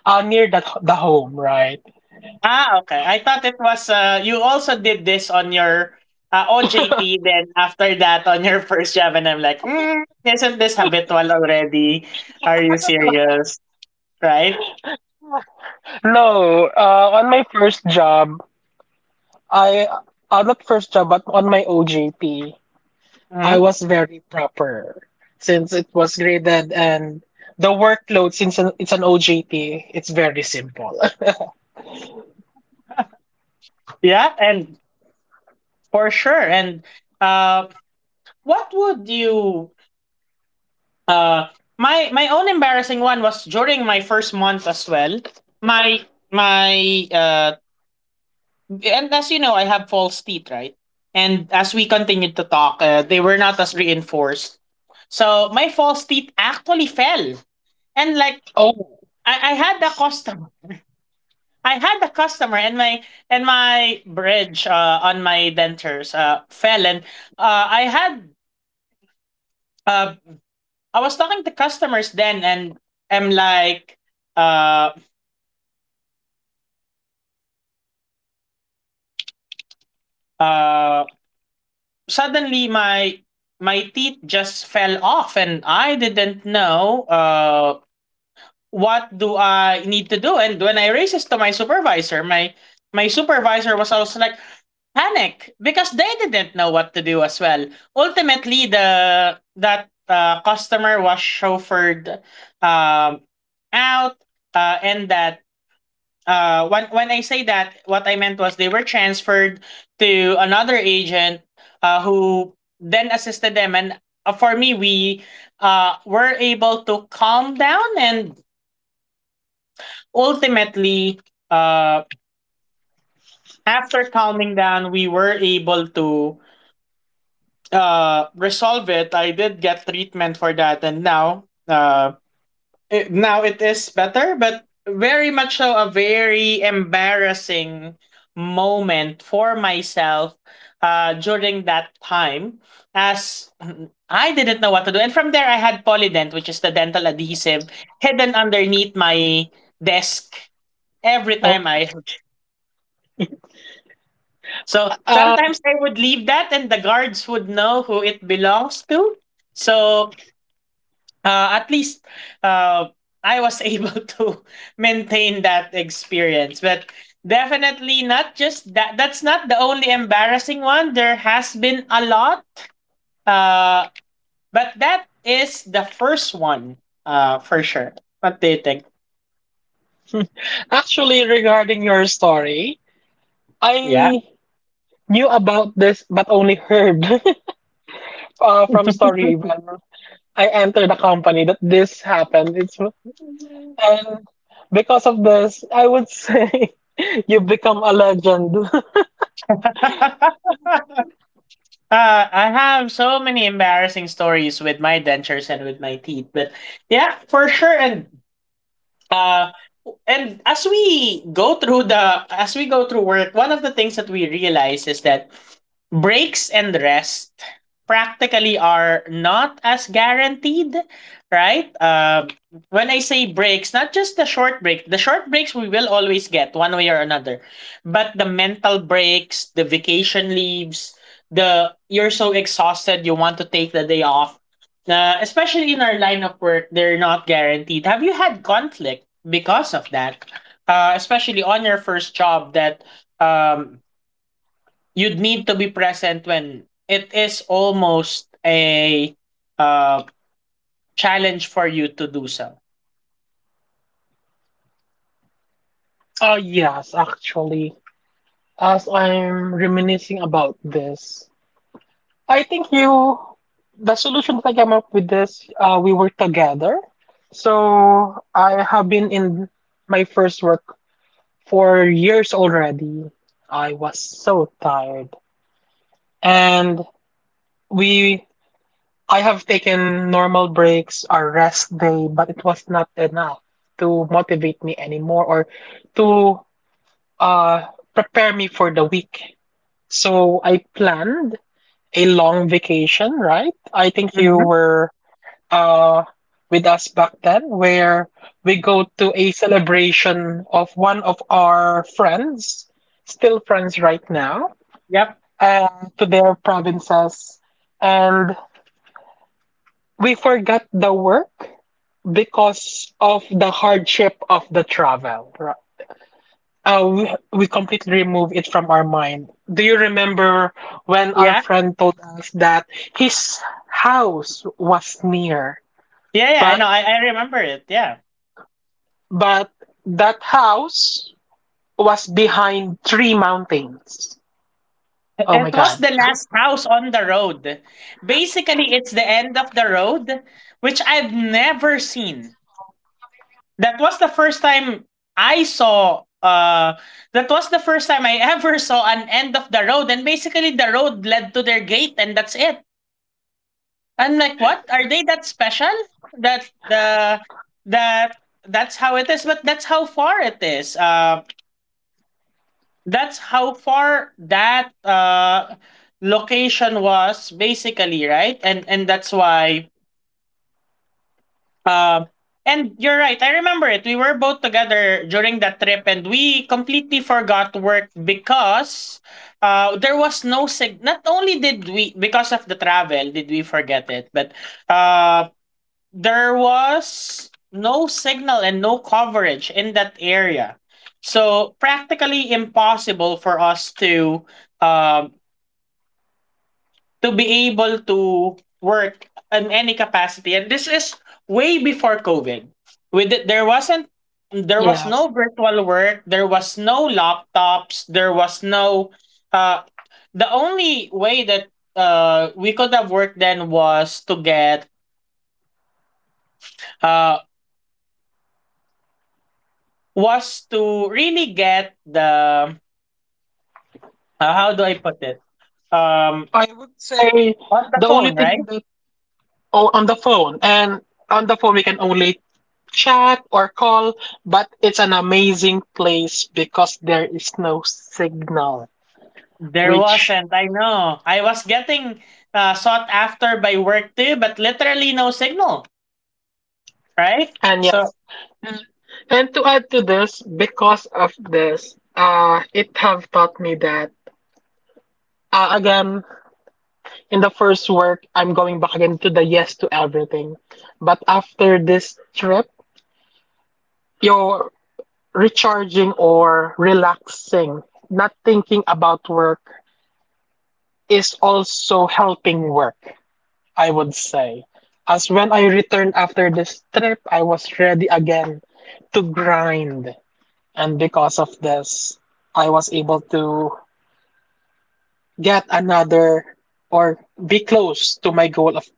S2: uh, near that, the home, right?
S1: Ah, okay. I thought it was uh you also did this on your uh, O J T then after that on your first job and I'm like, mm, isn't this habitual already? Are you serious? Right?
S2: No, uh, on my first job, I on that first job, but on my O J T, I
S1: Hmm.
S2: was very proper, since it was graded, and the workload, since an- it's an O J P, it's very simple.
S1: Yeah, and for sure. And uh what would you uh my my own embarrassing one was during my first month as well. My my uh And as you know, I have false teeth, right? And as we continued to talk, uh, they were not as reinforced. So my false teeth actually fell. And like
S2: Oh,
S1: I, I had the customer, I had the customer, and my and my bridge uh, on my dentures uh, fell, and uh, I had uh, I was talking to customers then, and I'm like, uh, uh, suddenly my my teeth just fell off, and I didn't know. Uh, what do I need to do? And when I raised this to my supervisor, my my supervisor was also like panic because they didn't know what to do as well. Ultimately, the that uh, customer was chauffeured um, out, uh, and that uh, when when I say that, what I meant was they were transferred to another agent uh, who then assisted them. And uh, for me, we uh, were able to calm down and ultimately, uh, after calming down, we were able to uh, resolve it. I did get treatment for that, and now, uh, it, now it is better, but very much so a very embarrassing moment for myself uh, during that time, as I didn't know what to do. And from there, I had Polydent, which is the dental adhesive, hidden underneath my desk every
S2: oh.
S1: time I. So
S2: Um,
S1: sometimes I would leave that, and the guards would know who it belongs to. So uh, at least uh, I was able to maintain that experience. But definitely not just that. That's not the only embarrassing one. There has been a lot. Uh, but that is the first one, uh, for sure. What do you think?
S2: Actually, regarding your story,
S1: Yeah.
S2: I knew about this but only heard, uh, from story, when I entered the company, that this happened. It's And because of this, I would say, you become a legend.
S1: Uh, I have so many embarrassing stories with my dentures and with my teeth, but yeah, for sure. And uh, and as we go through the as we go through work, one of the things that we realize is that breaks and rest practically are not as guaranteed, right? Uh, when I say breaks, not just the short break, the short breaks we will always get one way or another, but the mental breaks, the vacation leaves, the you're so exhausted you want to take the day off. Uh, especially in our line of work, they're not guaranteed. Have you had conflict because of that? Uh, especially on your first job, that um, you'd need to be present when it is almost a uh, challenge for you to do so.
S2: Oh, yes, actually. As I'm reminiscing about this, I think you, the solution that I came up with this, uh, we work together. So I have been in my first work for years already. I was so tired. And we, I have taken normal breaks or rest day, but it was not enough to motivate me anymore, or to uh, prepare me for the week. So I planned a long vacation, right? I think you
S1: Mm-hmm.
S2: were uh with us back then, where we go to a celebration of one of our friends, still friends right now,
S1: Yep.
S2: uh, to their provinces. And we forgot the work because of the hardship of the travel. Uh, we, we completely remove it from our mind. Do you remember when our
S1: Yeah.
S2: friend told us that his house was near,
S1: Yeah. Yeah. I
S2: but
S1: know. I, I remember it. Yeah.
S2: but that house was behind three mountains? Oh
S1: It
S2: my
S1: was
S2: God!
S1: the last house on the road. Basically, it's the end of the road, which I've never seen. that was the first time I saw uh that was the first time I ever saw an end of the road, and basically the road led to their gate and that's it. I'm like, what? Are they that special? That the that That's how it is, but that's how far it is. Uh that's how far that uh location was basically, right? And and that's why. Um, and you're right. I remember it. We were both together during that trip, and we completely forgot work because uh, there was no sig. Not only did we, because of the travel, did we forget it, but uh, there was no signal and no coverage in that area, so practically impossible for us to um to be able to work in any capacity. And this is way before covid. With it, there wasn't there was
S2: Yes,
S1: no virtual work, there was no laptops, there was no uh the only way that uh we could have worked then was to get uh was to really get the uh, how do I put it, um
S2: I would say
S1: on the
S2: the only
S1: phone, right?
S2: thing that... oh, on the phone. And on the phone we can only chat or call, but it's an amazing place because there is no signal,
S1: There
S2: which...
S1: wasn't. I know. I was getting uh, sought after by work too, but literally no signal, right?
S2: And
S1: So,
S2: yes. Mm. And to add to this, because of this, uh, it have taught me that, uh, again, in the first work, I'm going back again to the yes to everything. But after this trip, you're recharging or relaxing, not thinking about work, is also helping work. I would say, as when I returned after this trip, I was ready again to grind. And because of this, I was able to get another, or be close to my goal of,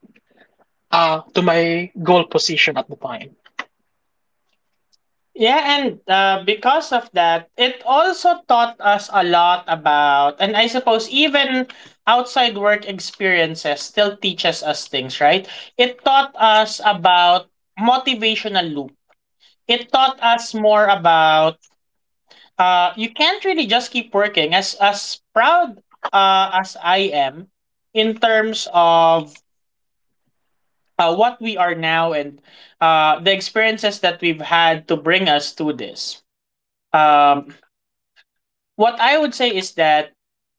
S2: uh to my goal position at the time.
S1: yeah, and uh, because of that, it also taught us a lot about, and I suppose even outside work experiences still teaches us things, right? It taught us about motivational loop. It taught us more about uh, you can't really just keep working. As as proud uh, as I am in terms of uh, what we are now and uh, the experiences that we've had to bring us to this. Um, what I would say is that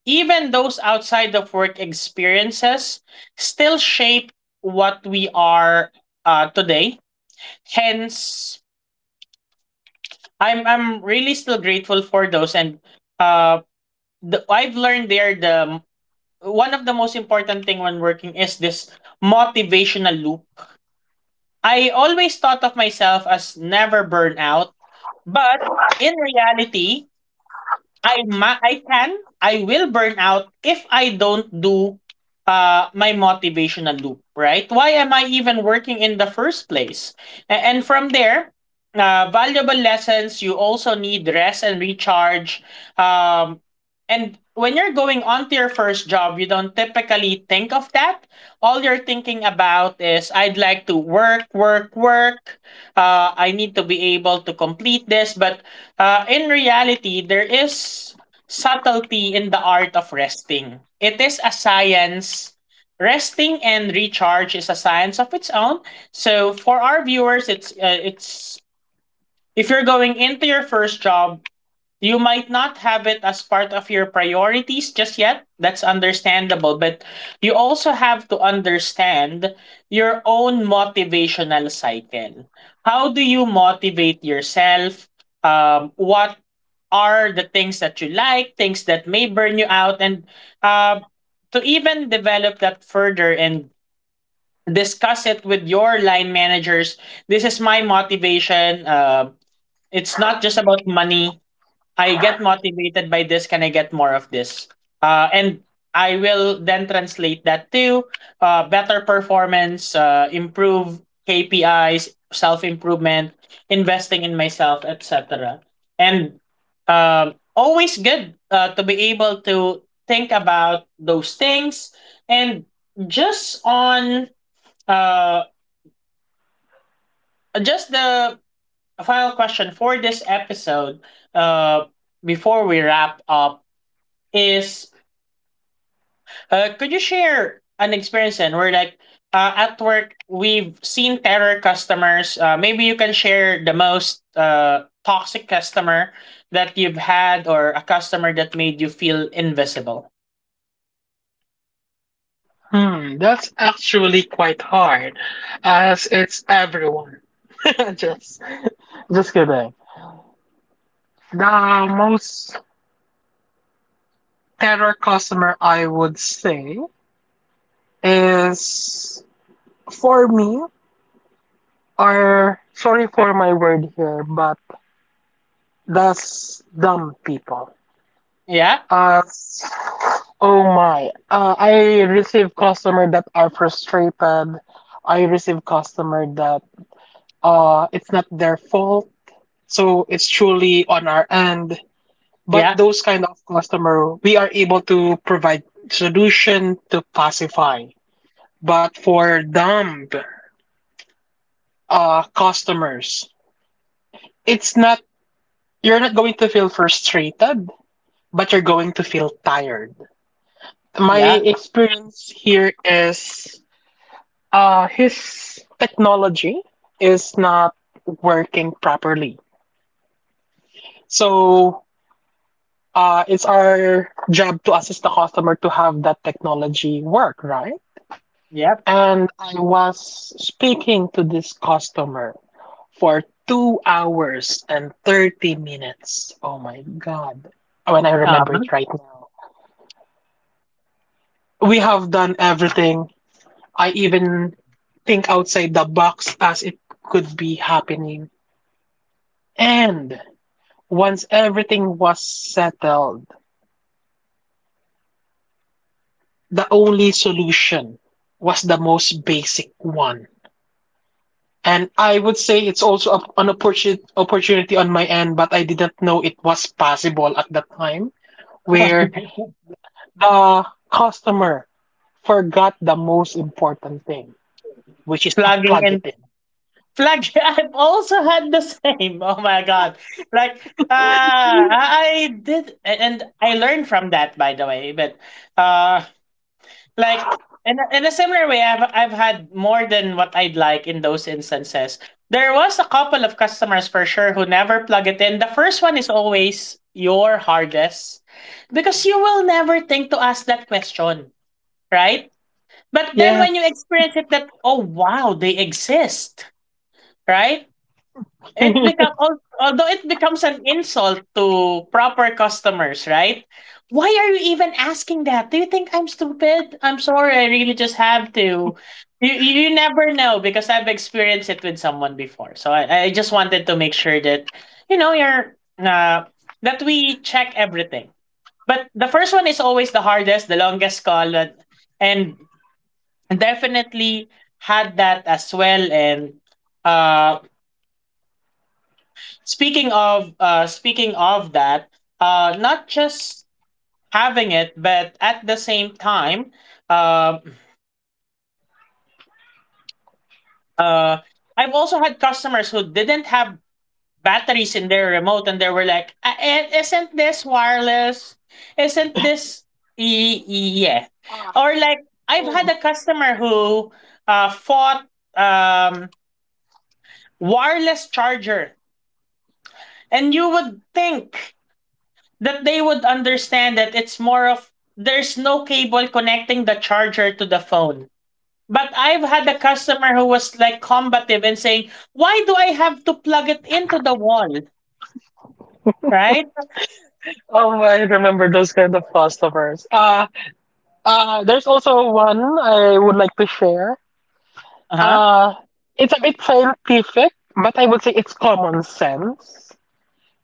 S1: even those outside of work experiences still shape what we are uh, today. Hence, I'm I'm really still grateful for those, and uh, the, I've learned there the one of the most important thing when working is this motivational loop. I always thought of myself as never burn out, but in reality, I ma- I can I will burn out if I don't do uh my motivational loop, right? Why am I even working in the first place? A- and from there, uh valuable lessons, you also need rest and recharge. Um and when you're going on to your first job, you don't typically think of that. All you're thinking about is I'd like to work, work, work. Uh, I need to be able to complete this, but uh, in reality, there is subtlety in the art of resting. It is a science. Resting and recharge is a science of its own. So for our viewers, it's uh, it's, if you're going into your first job, you might not have it as part of your priorities just yet. That's understandable, but you also have to understand your own motivational cycle. How do you motivate yourself? Um, what are the things that you like, things that may burn you out, and uh, to even develop that further and discuss it with your line managers. This is my motivation. Uh, it's not just about money. I get motivated by this. Can I get more of this? Uh, and I will then translate that to uh, better performance, uh, improve K P Is, self improvement, investing in myself, et cetera. And um, always good uh, to be able to think about those things. And just on uh just the final question for this episode, uh before we wrap up, is uh, could you share an experience then where, like, uh, at work we've seen terror customers? Uh, maybe you can share the most uh, toxic customer that you've had or a customer that made you feel invisible.
S2: Hmm, that's actually quite hard, as it's everyone. just, just kidding. The most terror customer, I would say, is, for me, or sorry for my word here, but that's dumb people.
S1: Yeah.
S2: Uh, oh my. Uh, I receive customer that are frustrated. I receive customer that uh it's not their fault. So it's truly on our end. But
S1: Yeah.
S2: those kind of customer, we are able to provide solution to pacify. But for dumb uh customers, it's not you're not going to feel frustrated, but you're going to feel tired. My
S1: Yeah.
S2: experience here is... Uh, his technology is not working properly. So uh, it's our job to assist the customer to have that technology work, right?
S1: Yep.
S2: And I was speaking to this customer for two hours and thirty minutes. Oh my God. When I remember
S1: Um,
S2: it right now, we have done everything. I even think outside the box as it could be happening. And once everything was settled, the only solution was the most basic one. And I would say it's also a, an opportunity opportunity on my end, but I didn't know it was possible at that time, where the customer forgot the most important thing, which is to
S1: plugging
S2: plug it
S1: in,
S2: in.
S1: plug. I've also had the same. Oh my god. like uh i I did, and I learned from that, by the way, but uh like in a, in a similar way I've, I've had more than what I'd like in those instances. There was a couple of customers for sure who never plug it in. The first one is always your hardest because you will never think to ask that question, right? But then when you
S2: Yes.
S1: experience it, that, oh wow, they exist, right? It become al- although it becomes an insult to proper customers, right? Why are you even asking that? Do you think I'm stupid? I'm sorry, I really just have to. You you never know, because I've experienced it with someone before. So I, I just wanted to make sure that, you know, you're uh, that we check everything. But the first one is always the hardest, the longest call, and and definitely had that as well. And uh, speaking of, uh speaking of that, uh not just having it, but at the same time, uh uh I've also had customers who didn't have batteries in their remote, and they were like, "Ah, eh, isn't this wireless? Isn't this..." Y- yeah.
S2: Ah,
S1: Or like, I've had
S2: oh.
S1: a customer who uh fought um wireless charger, and you would think that they would understand that it's more of, there's no cable connecting the charger to the phone. But I've had a customer who was like combative and saying, "Why do I have to plug it into the wall?" Right?
S2: Oh, I remember those kind of customers. Uh, uh, there's also one I would like to share.
S1: Uh huh.
S2: Uh, it's a bit scientific, but I would say it's common sense.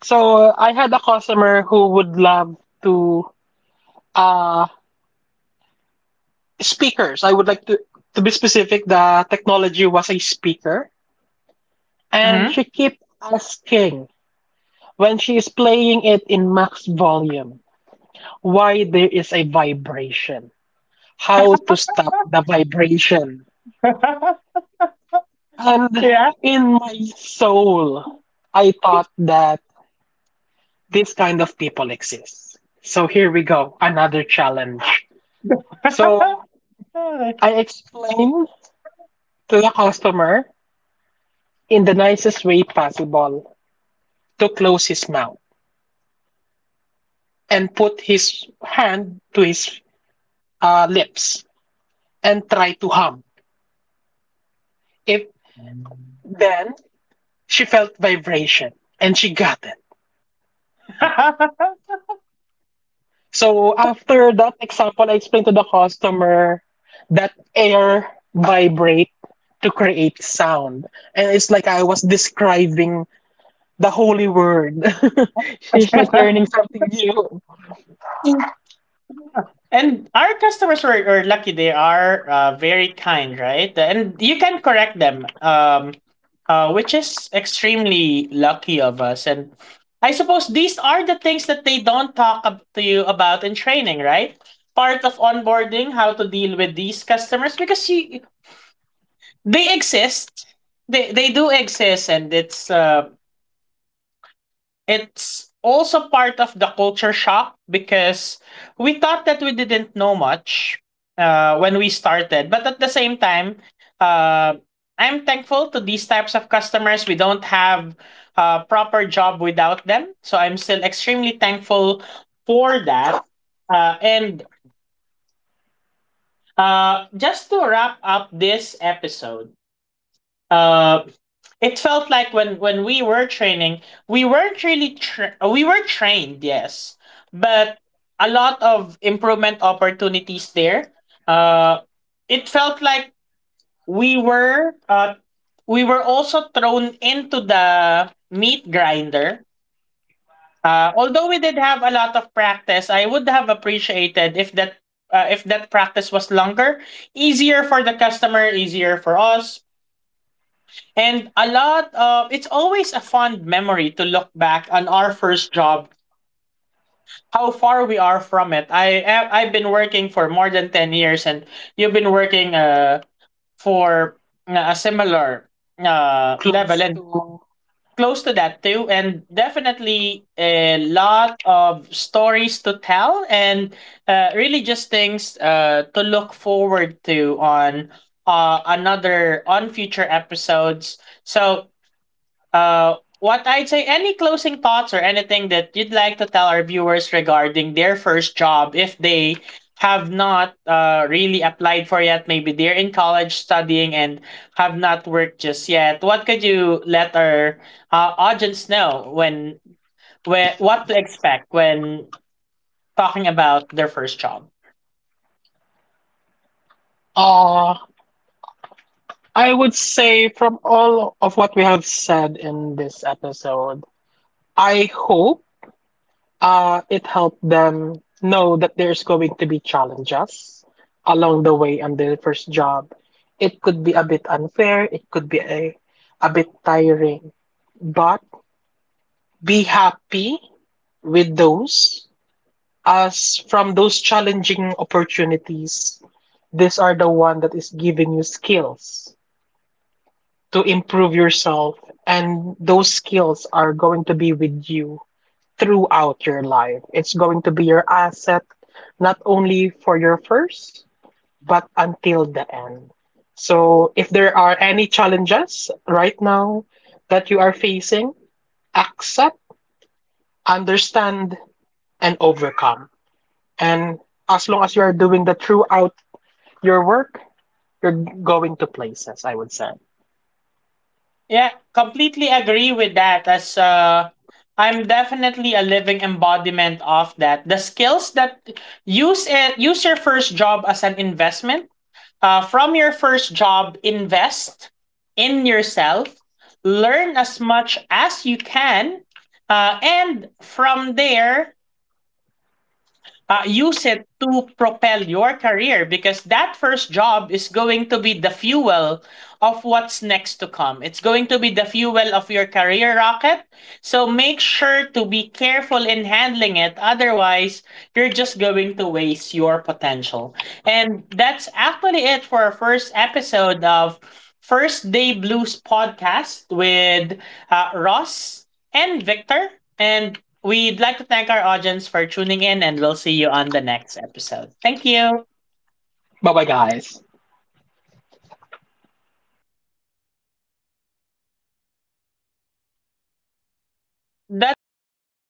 S2: So uh, I had a customer who would love to, uh speakers. I would like to to be specific. The technology was a speaker, and she kept asking, when she is playing it in max volume, why there is a vibration, how to stop the vibration,
S1: Mm-hmm.
S2: and in my soul, I thought that this kind of people exist. So here we go, another challenge. So I explain to the customer, in the nicest way possible, to close his mouth and put his hand to his uh, lips and try to hum. If Then she felt vibration, and she got it. So after that example, I explained to the customer that air vibrate to create sound, and it's like I was describing the holy word. She's like learning something new.
S1: Yeah. And our customers were, were lucky. They are uh, very kind, right? And you can correct them, um, uh, which is extremely lucky of us. And I suppose these are the things that they don't talk ab- to you about in training, right? Part of onboarding, how to deal with these customers, because you, they exist. They, they do exist, and it's uh, it's also part of the culture shock because we thought that we didn't know much uh, when we started. But at the same time, uh, I'm thankful to these types of customers. We don't have a proper job without them. So I'm still extremely thankful for that. Uh, and uh, Just to wrap up this episode, uh, it felt like when when we were training, we weren't really tra- we were trained, yes, but a lot of improvement opportunities there. uh it felt like we were uh we were also thrown into the meat grinder. Uh although we did have a lot of practice, I would have appreciated if that, uh, if that practice was longer, easier for the customer, easier for us. And a lot of, it's always a fond memory to look back on our first job, how far we are from it. I I I've been working for more than ten years, and you've been working uh for uh, a similar uh level,
S2: Close
S1: and
S2: to.
S1: close to that too. And definitely a lot of stories to tell, and uh, really just things uh to look forward to on uh another on future episodes. So uh, what I'd say, any closing thoughts or anything that you'd like to tell our viewers regarding their first job, if they have not uh, really applied for yet? Maybe they're in college studying and have not worked just yet. What could you let our uh, audience know, when, when, what to expect when talking about their first job?
S2: Uh, I would say, from all of what we have said in this episode, I hope uh, it helped them know that there's going to be challenges along the way on their first job. It could be a bit unfair, it could be a, a bit tiring, but be happy with those, as from those challenging opportunities, these are the one that is giving you skills to improve yourself, and those skills are going to be with you throughout your life. It's going to be your asset not only for your first, but until the end. So if there are any challenges right now that you are facing, accept, understand and overcome. And as long as you are doing that throughout your work, you're going to places, I would say.
S1: Yeah, completely agree with that. As uh, I'm definitely a living embodiment of that. The skills that Use it, use your first job as an investment. Uh, from your first job, invest in yourself, learn as much as you can, uh, and from there, uh, use it to propel your career, because that first job is going to be the fuel of what's next to come. It's going to be the fuel of your career rocket. So make sure to be careful in handling it. Otherwise, you're just going to waste your potential. And that's actually it for our first episode of First Day Blues podcast with uh, Ross and Victor. And we'd like to thank our audience for tuning in, and we'll see you on the next episode. Thank you.
S2: Bye-bye, guys.
S1: That's the ano,